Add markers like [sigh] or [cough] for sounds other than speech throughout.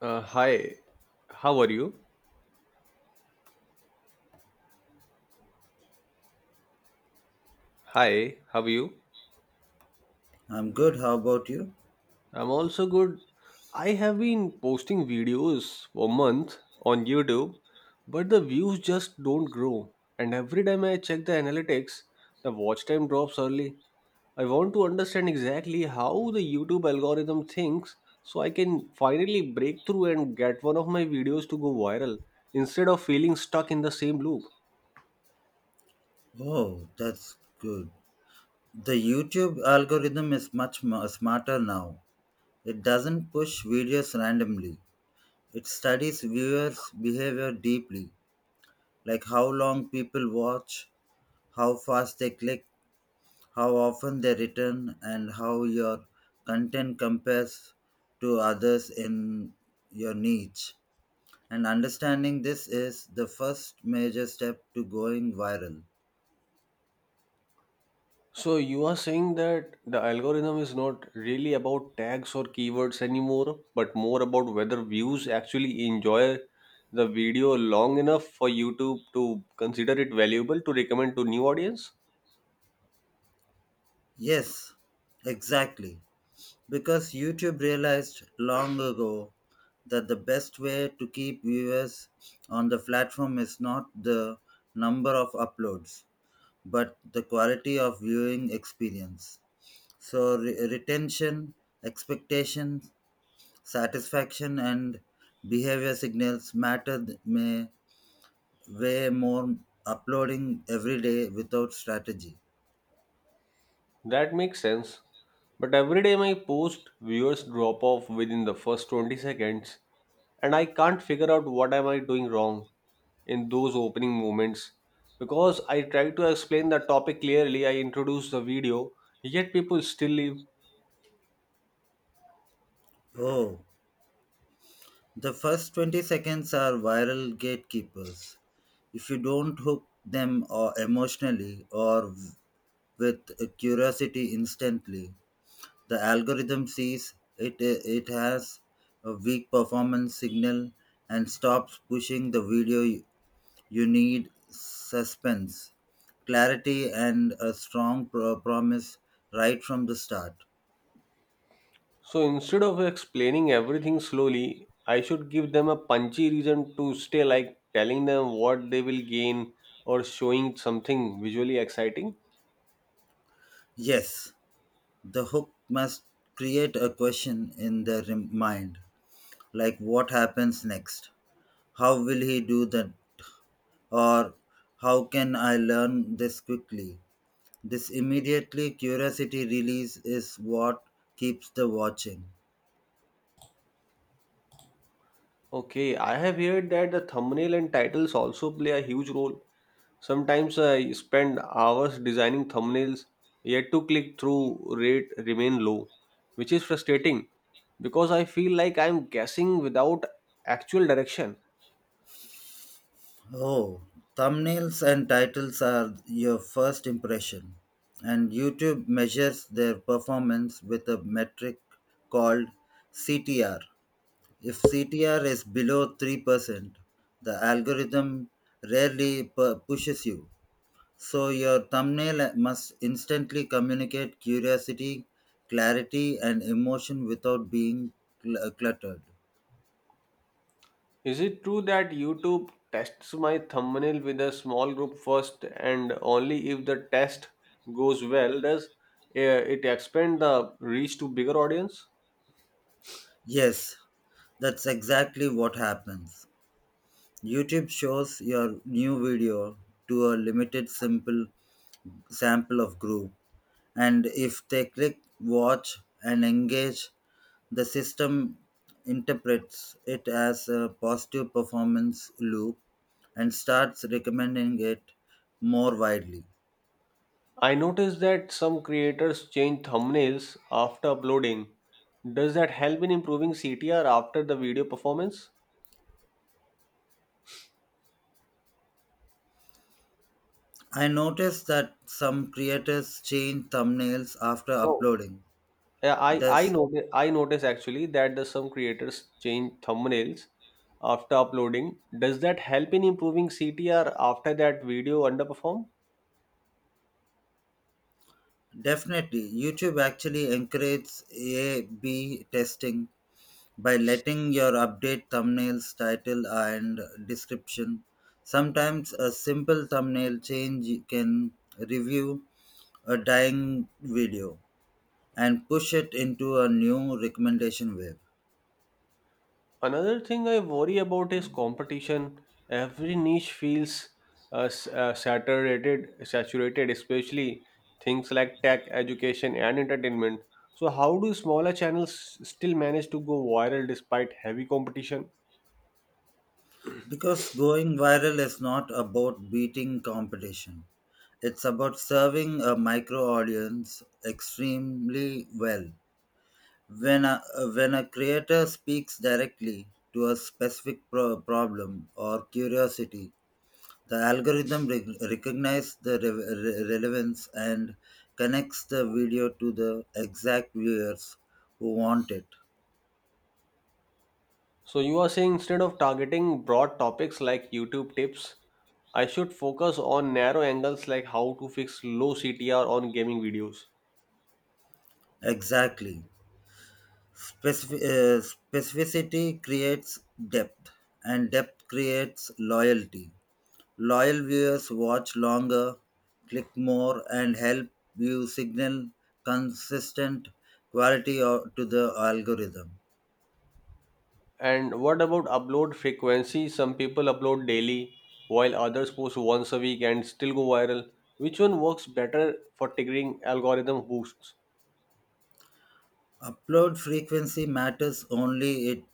Hi, how are you? Hi, how are you? I'm good. How about you? I'm also good. I have been posting videos for a month on YouTube, but the views just don't grow. And every time I check the analytics, the watch time drops early. I want to understand exactly how the YouTube algorithm thinks so I can finally break through and get one of my videos to go viral instead of feeling stuck in the same loop. Oh, that's good. The YouTube algorithm is smarter now. It doesn't push videos randomly, it studies viewers' behavior deeply, like how long people watch, how fast they click, how often they return, and how your content compares to others in your niche. And understanding this is the first major step to going viral. So you are saying that the algorithm is not really about tags or keywords anymore, but more about whether views actually enjoy the video long enough for YouTube to consider it valuable to recommend to new audience? Yes, exactly. Because YouTube realized long ago that the best way to keep viewers on the platform is not the number of uploads, but the quality of viewing experience. So, retention, expectation, satisfaction, and behavior signals may way more uploading every day without strategy. That makes sense. But every day my post viewers drop off within the first 20 seconds and I can't figure out what am I doing wrong in those opening moments because I try to explain the topic clearly, I introduce the video, yet people still leave. Oh, the first 20 seconds are viral gatekeepers. If you don't hook them, or emotionally with a curiosity instantly, the algorithm sees it, it has a weak performance signal and stops pushing the video. You need suspense, clarity, and a strong promise right from the start. So instead of explaining everything slowly, I should give them a punchy reason to stay like telling them what they will gain or showing something visually exciting. Yes, the hook must create a question in the mind. Like what happens next? How will he do that? Or how can I learn this quickly? This immediately curiosity release is what keeps the watching. Okay, I have heard that the thumbnail and titles also play a huge role. Sometimes I spend hours designing thumbnails, yet to click through rate remain low, which is frustrating because I feel like I'm guessing without actual direction. Oh, thumbnails and titles are your first impression, and YouTube measures their performance with a metric called CTR. If CTR is below 3%, the algorithm rarely pushes you. So your thumbnail must instantly communicate curiosity, clarity, and emotion without being cluttered. Is it true that YouTube tests my thumbnail with a small group first and only if the test goes well does it expand the reach to bigger audience? Yes, that's exactly what happens. YouTube shows your new video to a limited simple sample of group, and if they click, watch and engage, the system interprets it as a positive performance loop and starts recommending it more widely. I noticed that some creators change thumbnails after uploading. Does that help in improving CTR after the video performance? I noticed that some creators change thumbnails after No. uploading. Yeah, I This noticed I notice actually that the some creators change thumbnails after uploading. Does that help in improving CTR after that video underperform? definitely YouTube actually encourages A/B testing by letting your update thumbnail's title and description. Sometimes a simple thumbnail change can review a dying video and push it into a new recommendation wave. Another thing I worry about is competition. Every niche feels saturated, especially things like tech, education, and entertainment. So, how do smaller channels still manage to go viral despite heavy competition? Because going viral is not about beating competition. It's about serving a micro audience extremely well. When a, when a creator speaks directly to a specific problem or curiosity, the algorithm recognizes the relevance and connects the video to the exact viewers who want it. So, you are saying instead of targeting broad topics like YouTube tips, I should focus on narrow angles like how to fix low CTR on gaming videos. Exactly. Specif- uh, specificity creates depth, and depth creates loyalty. Loyal viewers watch longer, click more, and help you signal consistent quality to the algorithm. And what about upload frequency? Some people upload daily, while others post once a week and still go viral. Which one works better for triggering algorithm boosts? Upload frequency matters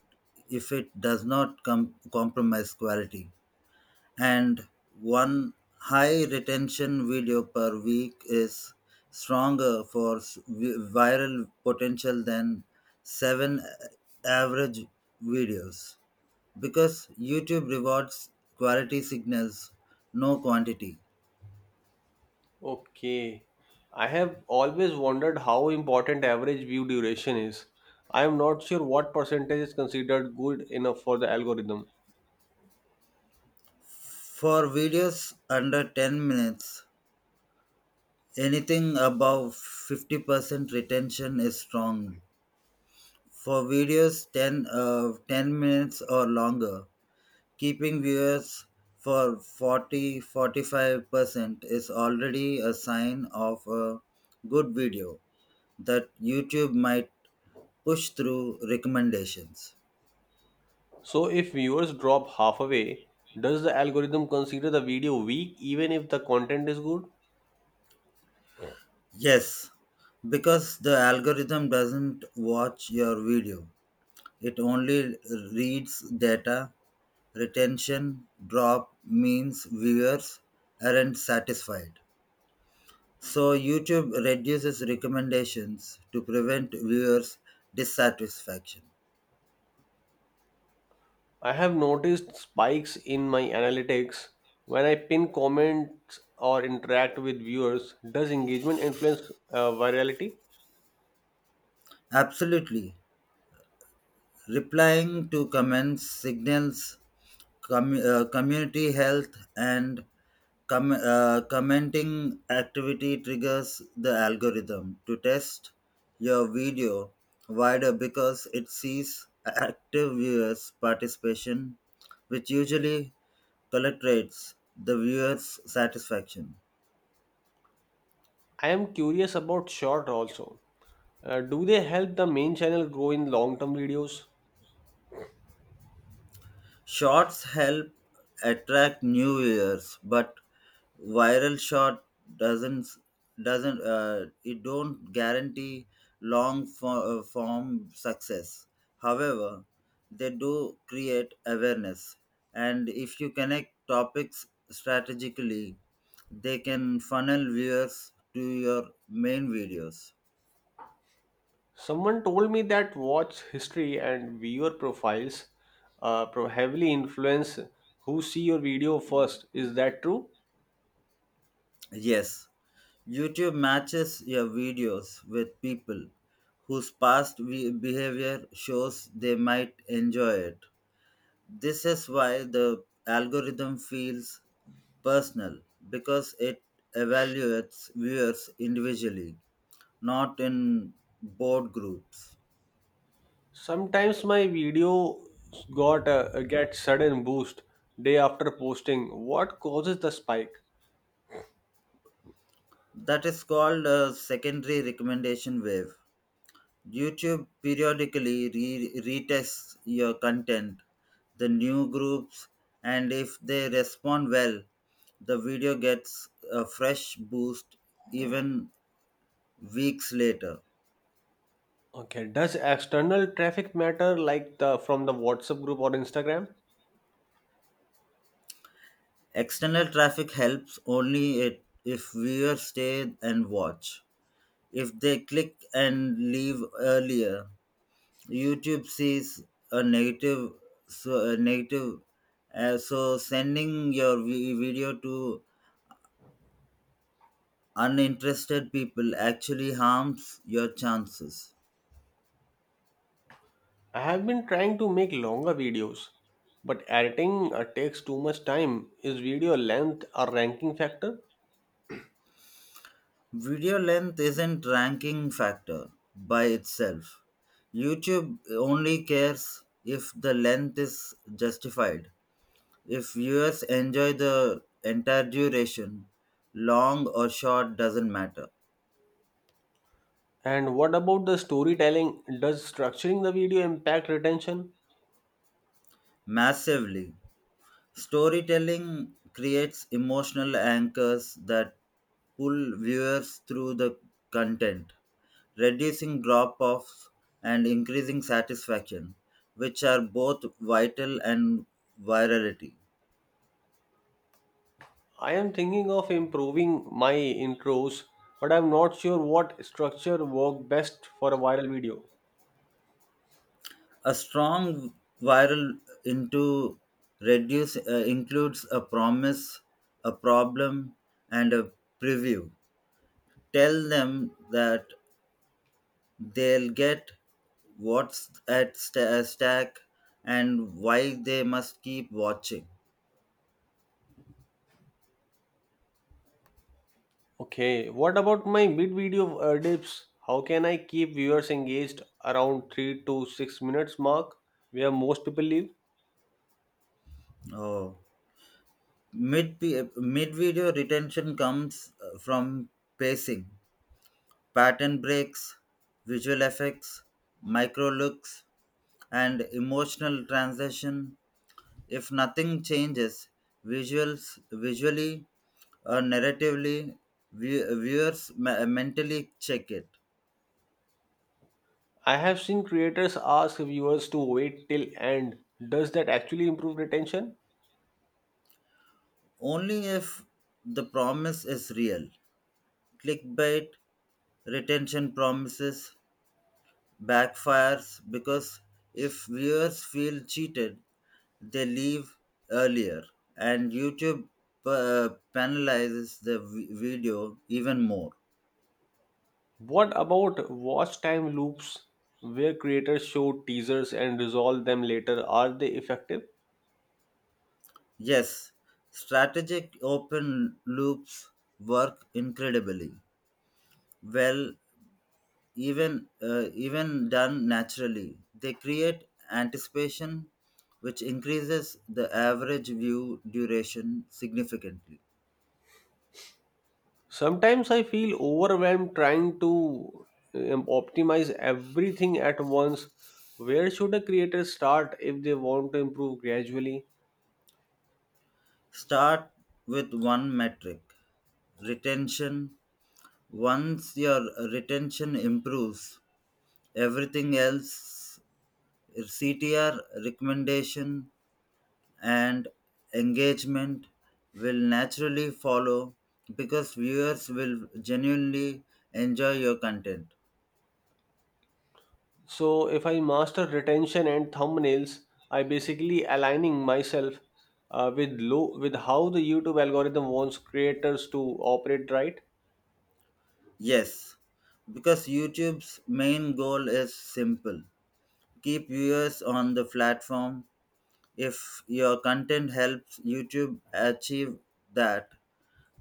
if it does not compromise quality. And one high retention video per week is stronger for viral potential than seven average videos, because YouTube rewards quality signals, no quantity. Okay. I have always wondered how important average view duration is. I am not sure what percentage is considered good enough for the algorithm. For videos under 10 minutes, anything above 50% retention is strong. For videos 10, 10 minutes or longer, keeping viewers for forty-five percent is already a sign of a good video that YouTube might push through recommendations. So, if viewers drop half away, does the algorithm consider the video weak even if the content is good? Yes, because the algorithm doesn't watch your video. It only reads data. Retention drop means viewers aren't satisfied. So YouTube reduces recommendations to prevent viewers' dissatisfaction. I have noticed spikes in my analytics when I pin comments or interact with viewers. Does engagement influence virality? Absolutely. Replying to comments signals community health, and commenting activity triggers the algorithm to test your video wider because it sees active viewers' participation, which usually collates the viewers' satisfaction. I am curious about short also. Do they help the main channel grow in long term videos? Shorts help attract new viewers, but viral short doesn't doesn't it don't guarantee form success. However, they do create awareness, and if you connect topics strategically, they can funnel viewers to your main videos. Someone told me that watch history and viewer profiles heavily influence who see your video first. Is that true? Yes, YouTube matches your videos with people whose past behavior shows they might enjoy it. This is why the algorithm feels personal, because it evaluates viewers individually, not in board groups. Sometimes my video got a get sudden boost day after posting. What causes the spike? That is called a secondary recommendation wave. YouTube periodically retests your content, the new groups, and if they respond well, the video gets a fresh boost even weeks later. Okay, does external traffic matter like the from the WhatsApp group or Instagram? External traffic helps only it if viewers stay and watch. If they click and leave earlier, YouTube sees a negative, so a negative so sending your video to uninterested people actually harms your chances. I have been trying to make longer videos, but editing takes too much time. Is video length a ranking factor? Video length isn't ranking factor by itself. YouTube only cares if the length is justified. If viewers enjoy the entire duration, long or short doesn't matter And what about the storytelling? Does structuring the video impact retention? massively. Storytelling creates emotional anchors that pull viewers through the content, reducing drop offs and increasing satisfaction, which are both vital and virality. I am thinking of improving my intros, but I'm not sure what structure work best for a viral video. A strong viral into reduce includes a promise, a problem, and a preview. Tell them that they'll get what's at stack and why they must keep watching. Okay, what about my mid video dips? How can I keep viewers engaged around 3 to 6 minutes mark where most people live? Oh, mid mid video retention comes from pacing, pattern breaks, visual effects, micro looks, and emotional transition. If nothing changes, visuals visually or narratively, viewers mentally check it. I have seen creators ask viewers to wait till end. Does that actually improve retention? Only if the promise is real. Clickbait retention promises backfires because if viewers feel cheated, they leave earlier, and YouTube penalizes the video even more. What about watch time loops where creators show teasers and resolve them later? Are they effective? Yes, strategic open loops work incredibly well, even done naturally. They create anticipation, which increases the average view duration significantly. Sometimes I feel overwhelmed trying to optimize everything at once. Where should a creator start if they want to improve gradually? Start with one metric, retention. Once your retention improves, everything else, CTR, recommendation, and engagement, will naturally follow because viewers will genuinely enjoy your content. So if I master retention and thumbnails, I basically aligning myself with how the YouTube algorithm wants creators to operate right. Yes, because YouTube's main goal is simple: keep viewers on the platform. If your content helps YouTube achieve that,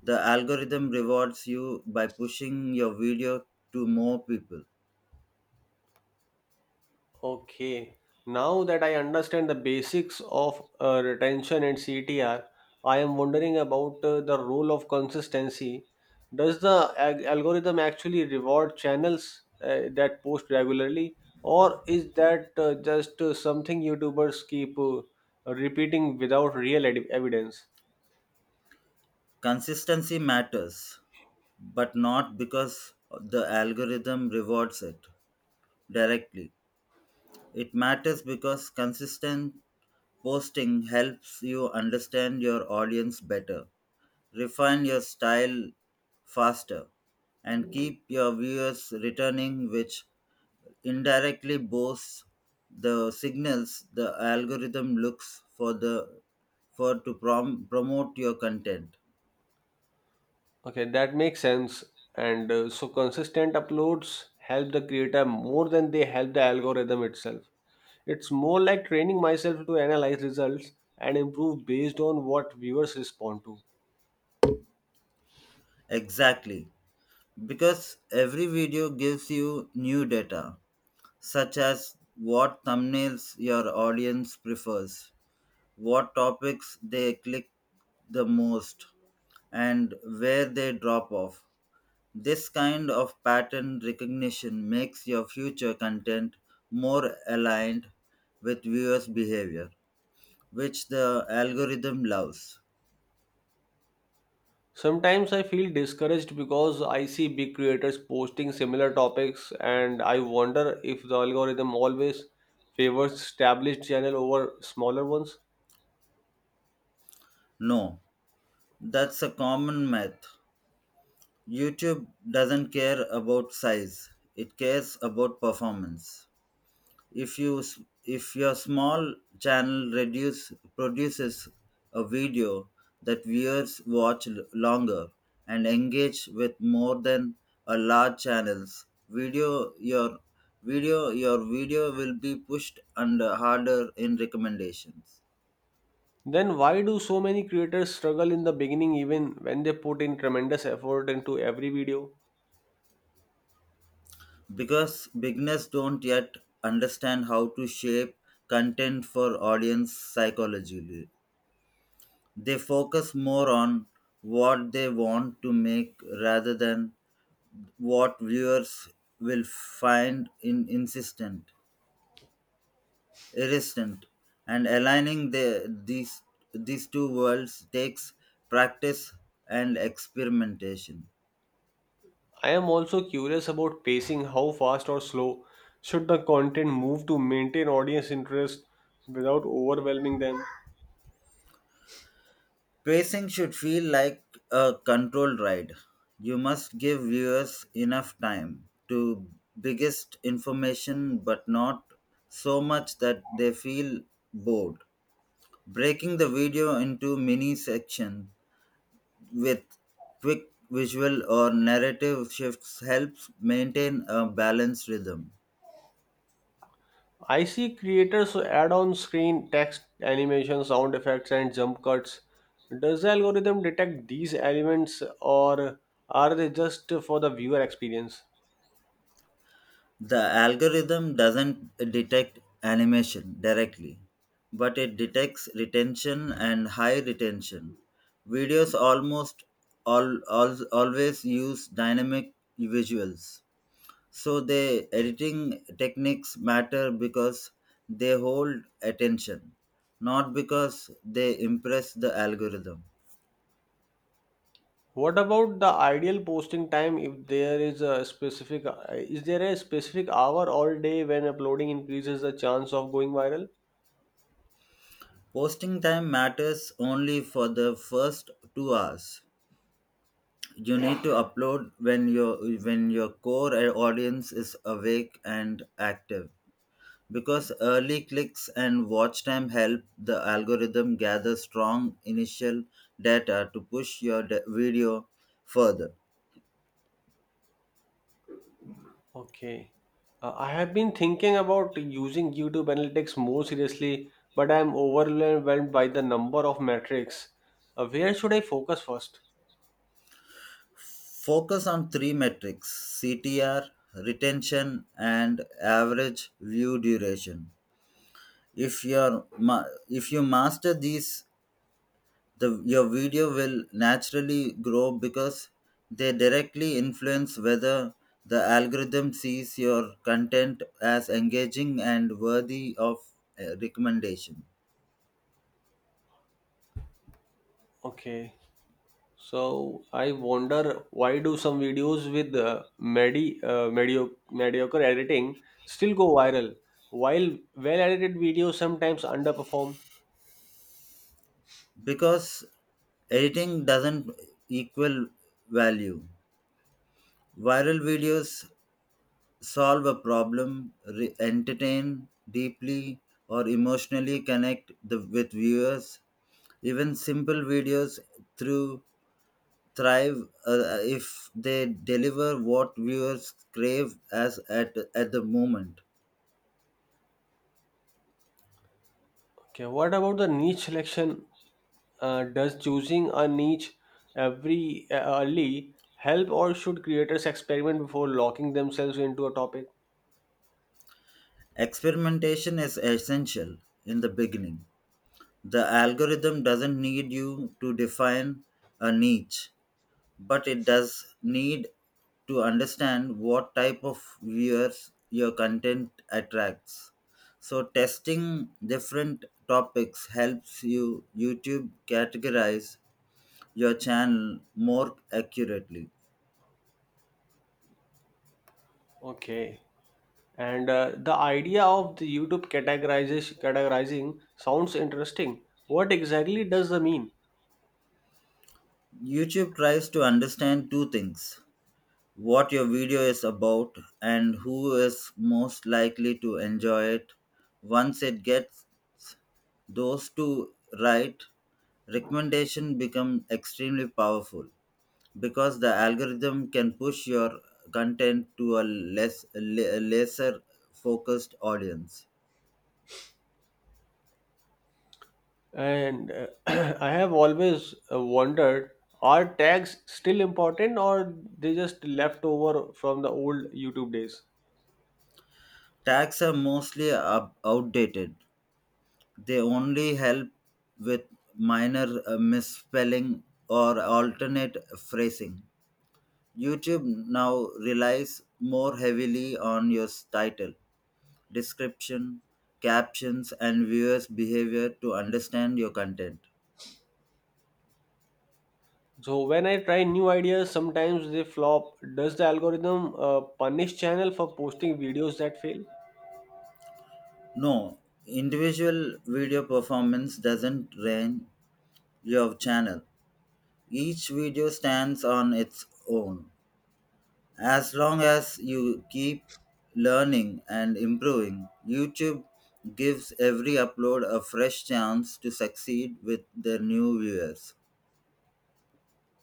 the algorithm rewards you by pushing your video to more people. Okay, now that I understand the basics of retention and CTR, I am wondering about the role of consistency. Does the algorithm actually reward channels that post regularly, or is that just something YouTubers keep repeating without real evidence? Consistency matters, but not because the algorithm rewards it directly. It matters because consistent posting helps you understand your audience better, refine your style faster, and keep your viewers returning, which indirectly boosts the signals the algorithm looks for to promote your content. Okay, that makes sense. And so consistent uploads help the creator more than they help the algorithm itself. It's more like training myself to analyze results and improve based on what viewers respond to. Exactly. Because every video gives you new data, such as what thumbnails your audience prefers, what topics they click the most, and where they drop off. This kind of pattern recognition makes your future content more aligned with viewers' behavior, which the algorithm loves. Sometimes I feel discouraged because I see big creators posting similar topics and I wonder if the algorithm always favors established channel over smaller ones. No, that's a common myth. YouTube doesn't care about size, it cares about performance. If if your small channel reduce produces a video that viewers watch longer and engage with more than a large channels video, your video will be pushed under harder in recommendations, Then why do so many creators struggle in the beginning even when they put in tremendous effort into every video? because beginners don't yet understand how to shape content for audience psychologically. They focus more on what they want to make rather than what viewers will find in insistent, irresistent, and aligning these two worlds takes practice and experimentation. I am also curious about pacing, how fast or slow should the content move to maintain audience interest without overwhelming them? Pacing should feel like a controlled ride. You must give viewers enough time to biggest information, but not so much that they feel bored. Breaking the video into mini sections with quick visual or narrative shifts helps maintain a balanced rhythm. I see creators add on screen text, animation, sound effects and jump cuts. Does the algorithm detect these elements or are they just for the viewer experience? The algorithm doesn't detect animation directly, but it detects retention, and high retention videos always use dynamic visuals. So the editing techniques matter because they hold attention, not because they impress the algorithm. What about the ideal posting time if there is a specific hour or day when uploading increases the chance of going viral? Posting time matters only for the first 2 hours. You need to upload when your core audience is awake and active, because early clicks and watch time help the algorithm gather strong initial data to push your video further. Okay. I have been thinking about using YouTube Analytics more seriously, but I am overwhelmed by the number of metrics. Where should I focus first? Focus on three metrics: CTR, retention, and average view duration. If you master these, your video will naturally grow because they directly influence whether the algorithm sees your content as engaging and worthy of recommendation. Okay. So I wonder why do some videos with mediocre editing still go viral, while well-edited videos sometimes underperform? Because editing doesn't equal value. Viral videos solve a problem, entertain deeply, or emotionally connect with viewers. Even simple videos through thrive if they deliver what viewers crave at the moment. Okay, what about the niche selection? Does choosing a niche every early help, or should creators experiment before locking themselves into a topic? Experimentation is essential in the beginning. The algorithm doesn't need you to define a niche, but it does need to understand what type of viewers your content attracts, so testing different topics helps you youtube categorize your channel more accurately. Okay, and the idea of the YouTube categorizes categorizing sounds interesting. What exactly does that mean? YouTube tries to understand two things: what your video is about, and who is most likely to enjoy it. Once it gets those two right, recommendation become extremely powerful because the algorithm can push your content to a lesser focused audience. And [clears throat] I have always wondered are tags still important or they just left over from the old YouTube days? Tags are mostly outdated. They only help with minor misspelling or alternate phrasing. YouTube now relies more heavily on your title, description, captions, and viewers' behavior to understand your content. So when I try new ideas, sometimes they flop. Does the algorithm punish channel for posting videos that fail? No, individual video performance doesn't rank your channel. Each video stands on its own. As long as you keep learning and improving, YouTube gives every upload a fresh chance to succeed with their new viewers.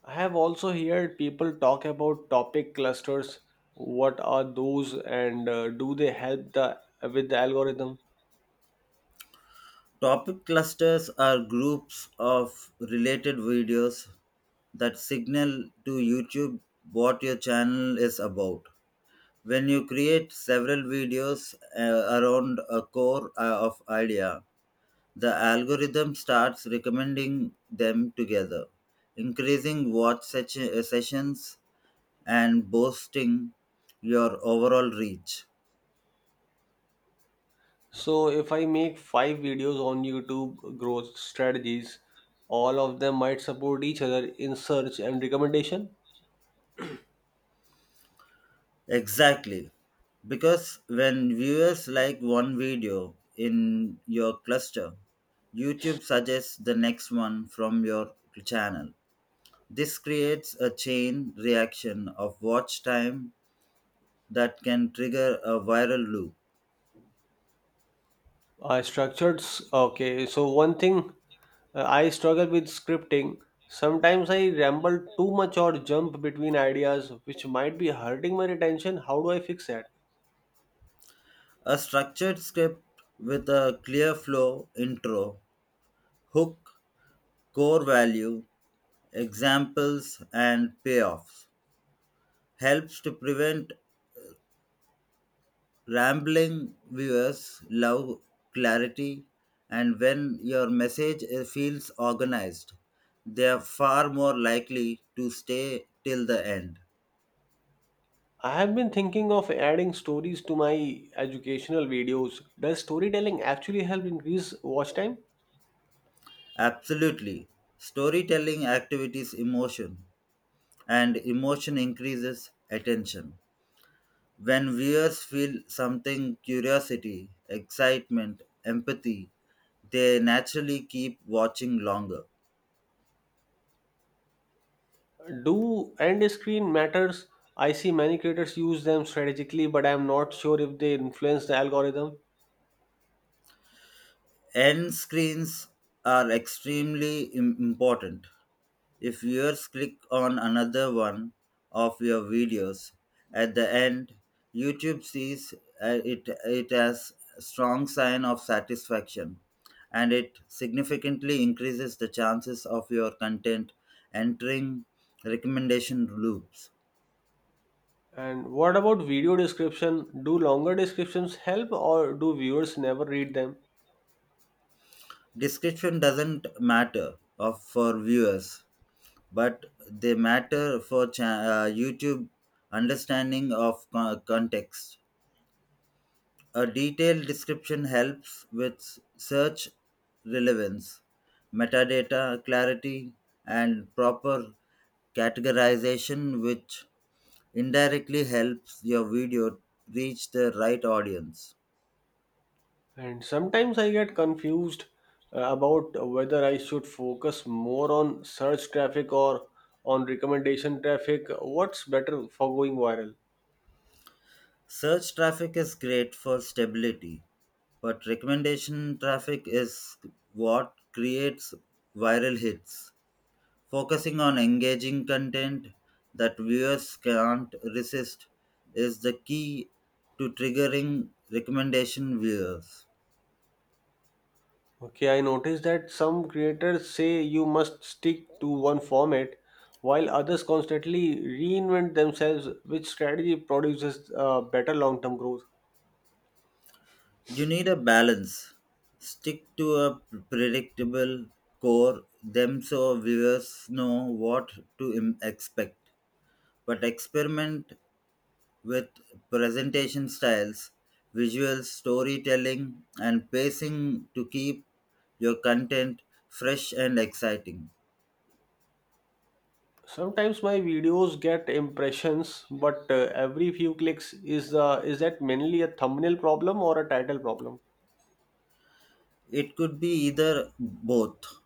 I have also heard people talk about topic clusters. What are those and do they help the with the algorithm? Topic clusters are groups of related videos that signal to YouTube what your channel is about. When you create several videos around a core of idea, the algorithm starts recommending them together, increasing watch sessions and boosting your overall reach. So if I make five videos on YouTube growth strategies, all of them might support each other in search and recommendation. Exactly. Because when viewers like one video in your cluster, YouTube suggests the next one from your channel. This creates a chain reaction of watch time that can trigger a viral loop. I structured s- okay. So one thing I struggle with scripting. Sometimes I ramble too much or jump between ideas, which might be hurting my retention. How do I fix that? A structured script with a clear flow, intro, hook, core value, examples, and payoffs helps to prevent rambling. Viewers love clarity, and when your message feels organized, they are far more likely to stay till the end. I have been thinking of adding stories to my educational videos. Does storytelling actually help increase watch time? Absolutely. Storytelling activities emotion, and emotion increases attention. When viewers feel something curiosity, excitement, empathy, they naturally keep watching longer. Do end screen matters? I see many creators use them strategically, but I'm not sure if they influence the algorithm. End screens are extremely important. If viewers click on another one of your videos at the end, YouTube sees it as a strong sign of satisfaction, and it significantly increases the chances of your content entering recommendation loops. And what about video description? Do longer descriptions help, or do viewers never read them? Description doesn't matter for viewers, but they matter for YouTube understanding of context. A detailed description helps with search relevance, metadata clarity, and proper categorization, which indirectly helps your video reach the right audience. And sometimes I get confused about whether I should focus more on search traffic or on recommendation traffic. What's better for going viral? Search traffic is great for stability, but recommendation traffic is what creates viral hits. Focusing on engaging content that viewers can't resist is the key to triggering recommendation viewers. Okay, I noticed that some creators say you must stick to one format, while others constantly reinvent themselves, which strategy produces better long term growth. You need a balance. Stick to a predictable core them so viewers know what to expect, but experiment with presentation styles, visual storytelling, and pacing to keep your content fresh and exciting. Sometimes my videos get impressions, but every few clicks is that mainly a thumbnail problem or a title problem? It could be either both.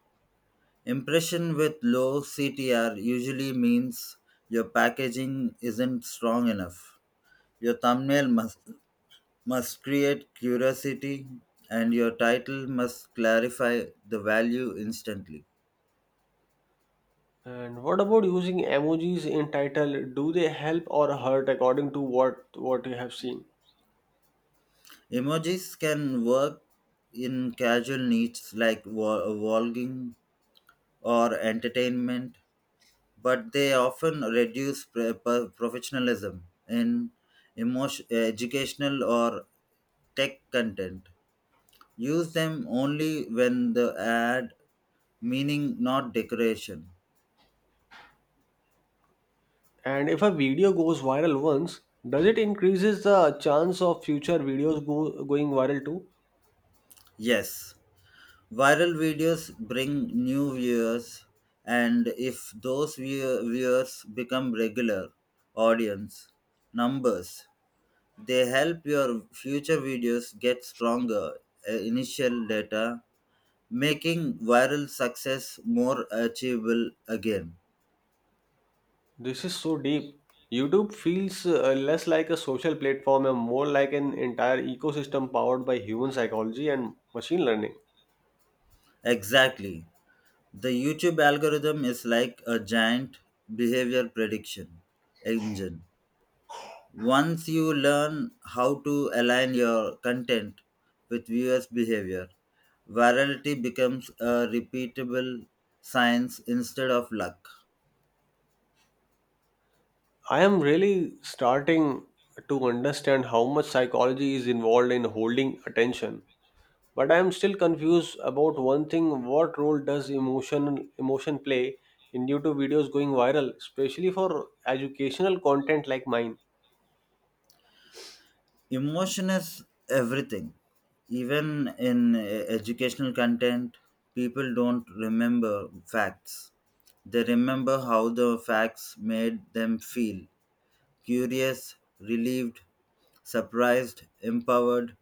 Impression with low CTR usually means your packaging isn't strong enough. Your thumbnail must create curiosity, and your title must clarify the value instantly. And what about using emojis in title? Do they help or hurt according to what you have seen? Emojis can work in casual niches like vlogging or entertainment, but they often reduce professionalism in emotion, educational or tech content. Use them only when the ad meaning not decoration. And if a video goes viral once, does it increases the chance of future videos going viral too? Yes, viral videos bring new viewers, and if those viewers become regular audience numbers, they help your future videos get stronger initial data, making viral success more achievable again. This is so deep. YouTube feels less like a social platform and more like an entire ecosystem powered by human psychology and machine learning. Exactly. The YouTube algorithm is like a giant behavior prediction engine. Once you learn how to align your content with viewers' behavior, virality becomes a repeatable science instead of luck. I am really starting to understand how much psychology is involved in holding attention. But I am still confused about one thing. What role does emotion play in YouTube videos going viral, especially for educational content like mine? Emotion is everything, even in educational content. People don't remember facts, they remember how the facts made them feel: curious, relieved, surprised, empowered.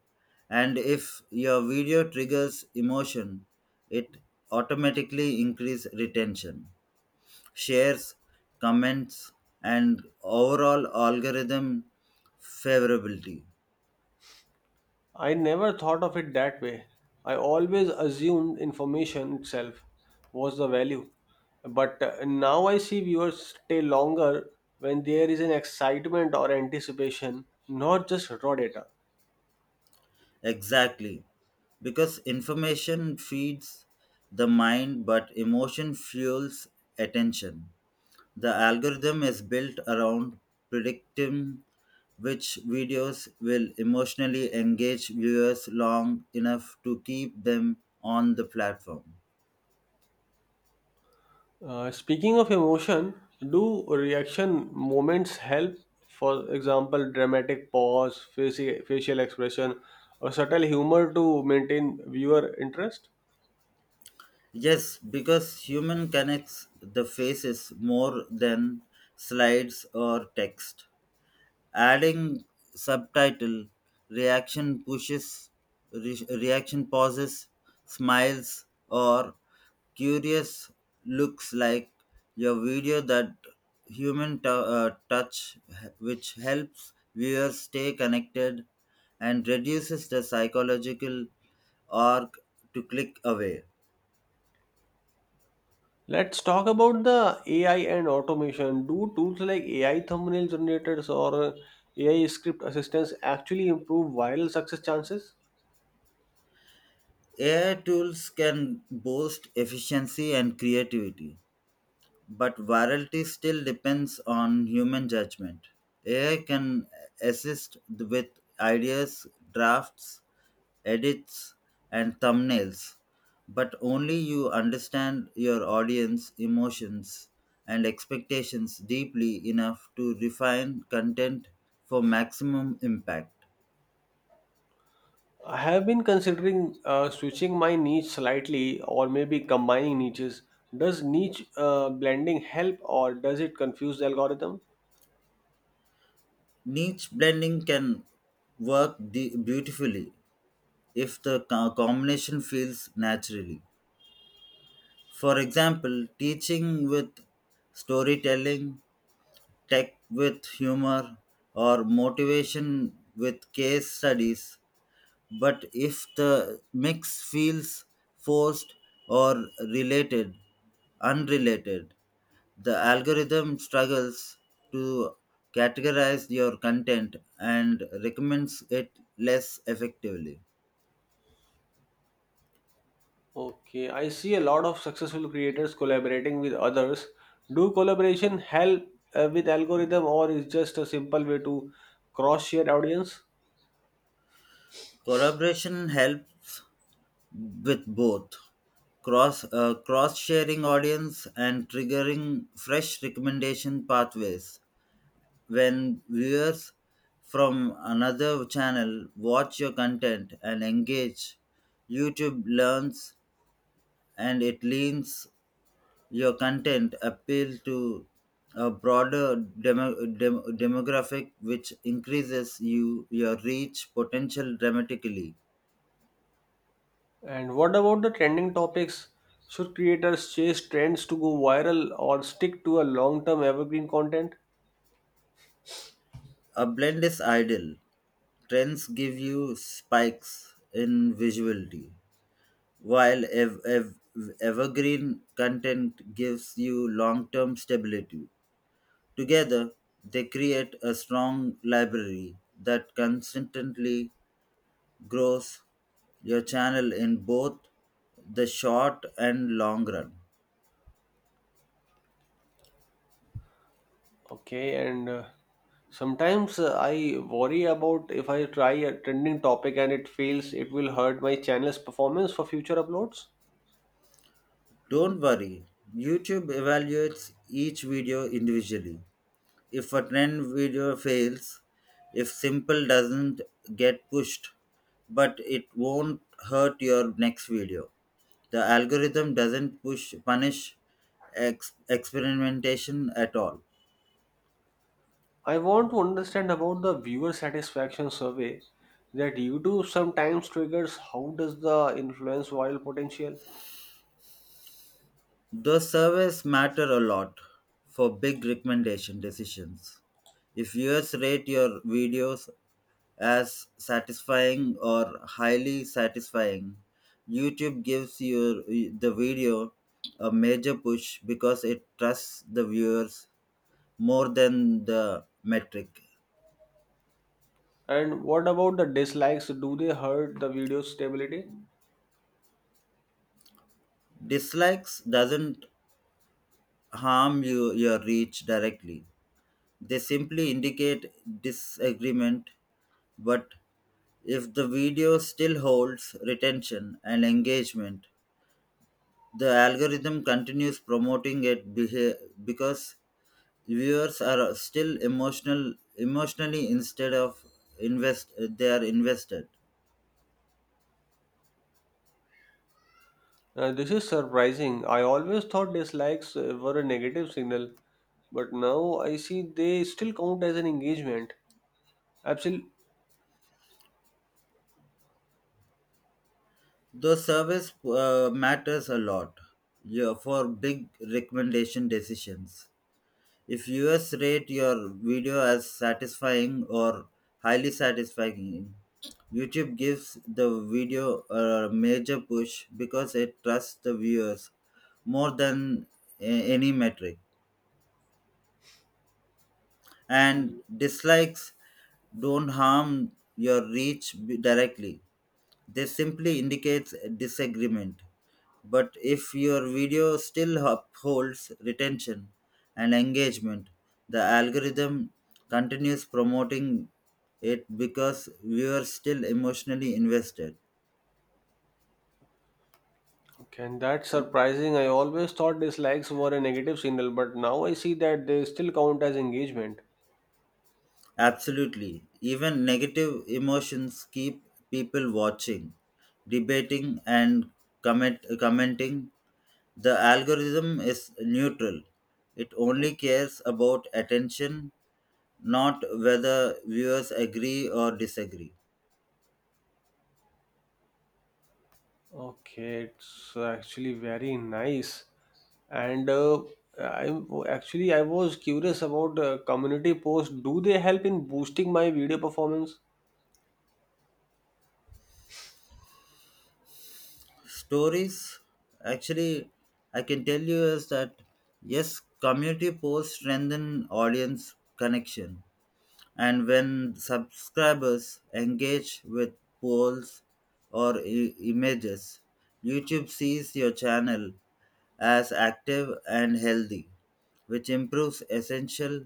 And if your video triggers emotion, it automatically increases retention, shares, comments, and overall algorithm favorability. I never thought of it that way. I always assumed information itself was the value, but now I see viewers stay longer when there is an excitement or anticipation, not just raw data. Exactly. Because information feeds the mind, but emotion fuels attention. The algorithm is built around predicting which videos will emotionally engage viewers long enough to keep them on the platform. Speaking of emotion, do reaction moments help? For example, dramatic pause, facial expression, or subtle humor to maintain viewer interest? Yes, because human connects the faces more than slides or text. Adding subtitle reaction pushes, reaction pauses, smiles, or curious looks like your video that human touch, which helps viewers stay connected and reduces the psychological arc to click away. Let's talk about the AI and automation. Do tools like AI thumbnail generators or AI script assistants actually improve viral success chances? AI tools can boost efficiency and creativity, but virality still depends on human judgment. AI can assist with ideas, drafts, edits, and thumbnails, but only you understand your audience emotions and expectations deeply enough to refine content for maximum impact. I have been considering switching my niche slightly or maybe combining niches. Does niche blending help or does it confuse the algorithm? Niche blending can work beautifully if the combination feels naturally. For example, teaching with storytelling, tech with humor, or motivation with case studies. But if the mix feels forced or related, unrelated, the algorithm struggles to categorize your content and recommends it less effectively. Okay, I see a lot of successful creators collaborating with others. Do collaboration help with algorithm or is just a simple way to cross share audience? Collaboration helps with both cross sharing audience and triggering fresh recommendation pathways. When viewers from another channel watch your content and engage, YouTube learns and it leans your content appeal to a broader demographic, which increases your reach potential dramatically. And what about the trending topics? Should creators chase trends to go viral or stick to a long-term evergreen content? A blend is ideal. Trends give you spikes in visuality, while evergreen content gives you long term stability. Together, they create a strong library that consistently grows your channel in both the short and long run. Okay, and sometimes I worry about if I try a trending topic and it fails, it will hurt my channel's performance for future uploads. Don't worry, YouTube evaluates each video individually. If a trend video fails, if simple doesn't get pushed, but it won't hurt your next video. The algorithm doesn't push punish experimentation at all. I want to understand about the viewer satisfaction survey that YouTube sometimes triggers. How does the influence viral potential? Those surveys matter a lot for big recommendation decisions. If viewers rate your videos as satisfying or highly satisfying, YouTube gives your the video a major push because it trusts the viewers more than the metric. And what about the dislikes? Do they hurt the video stability? Dislikes doesn't harm your reach directly. They simply indicate disagreement, but if the video still holds retention and engagement, the algorithm continues promoting it because viewers are still emotional emotionally instead of invest they are invested. This is surprising. I always thought dislikes were a negative signal, but now I see they still count as an engagement. Absolutely. Though service matters a lot, yeah, for big recommendation decisions. If viewers rate your video as satisfying or highly satisfying, YouTube gives the video a major push because it trusts the viewers more than any metric. And dislikes don't harm your reach directly. They simply indicates disagreement. But if your video still upholds retention and engagement, the algorithm continues promoting it because viewers still emotionally invested. Okay, and that's surprising. I always thought dislikes were a negative signal, but now I see that they still count as engagement. Absolutely. Even negative emotions keep people watching, debating, and commenting. The algorithm is neutral. It only cares about attention, not whether viewers agree or disagree. Okay, it's actually very nice. And I actually I was curious about community posts. Do they help in boosting my video performance? Stories, actually, I can tell you is that yes, community posts strengthen audience connection. And when subscribers engage with polls or images, YouTube sees your channel as active and healthy, which improves essential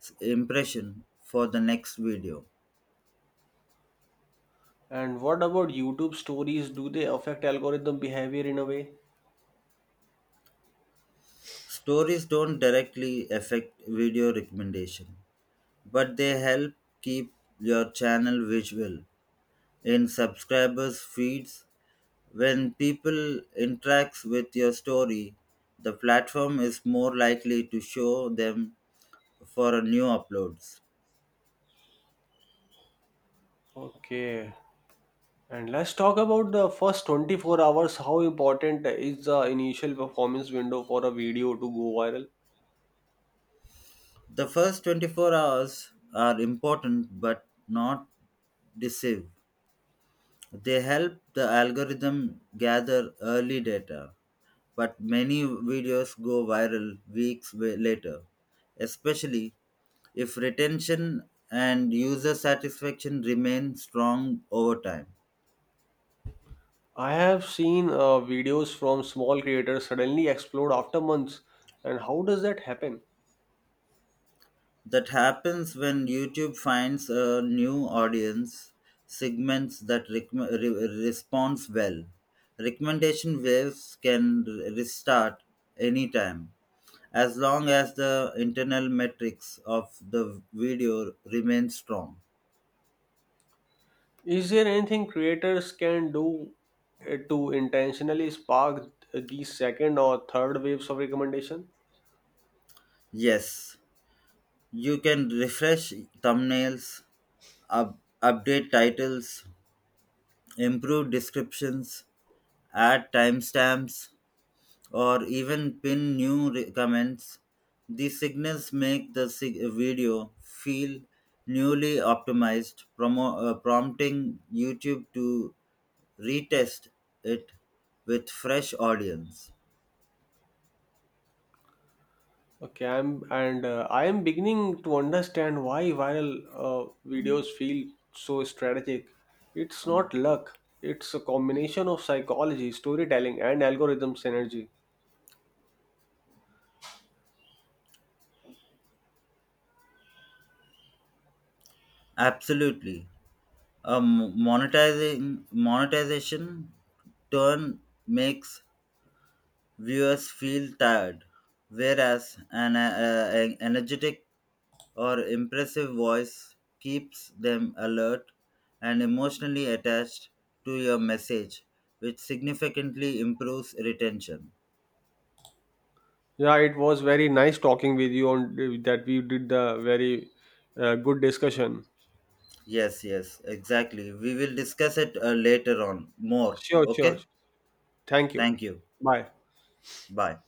impression for the next video. And what about YouTube stories? Do they affect algorithm behavior in a way? Stories don't directly affect video recommendation, but they help keep your channel visual in subscribers' feeds. When people interacts with your story, the platform is more likely to show them for a new uploads. Okay, and let's talk about the first 24 hours. How important is the initial performance window for a video to go viral? The first 24 hours are important but not deceive. They help the algorithm gather early data, but many videos go viral weeks later, especially if retention and user satisfaction remain strong over time. I have seen videos from small creators suddenly explode after months. And how does that happen? That happens when YouTube finds a new audience segments that responds well. Recommendation waves can restart anytime as long as the internal metrics of the video remain strong. Is there anything creators can do to intentionally spark these second or third waves of recommendation? Yes, you can refresh thumbnails, update titles, improve descriptions, add timestamps, or even pin new comments. These signals make the video feel newly optimized, prompting YouTube to retest it with fresh audience. I am beginning to understand why viral videos feel so strategic. It's not luck. It's a combination of psychology, storytelling, and algorithm synergy. Absolutely. Monetizing monetization turn makes viewers feel tired, whereas an energetic or impressive voice keeps them alert and emotionally attached to your message, which significantly improves retention. Yeah, it was very nice talking with you on that. We did the very good discussion. Yes, yes, exactly. We will discuss it later on more. Sure, sure. Okay? Thank you. Thank you. Bye. Bye.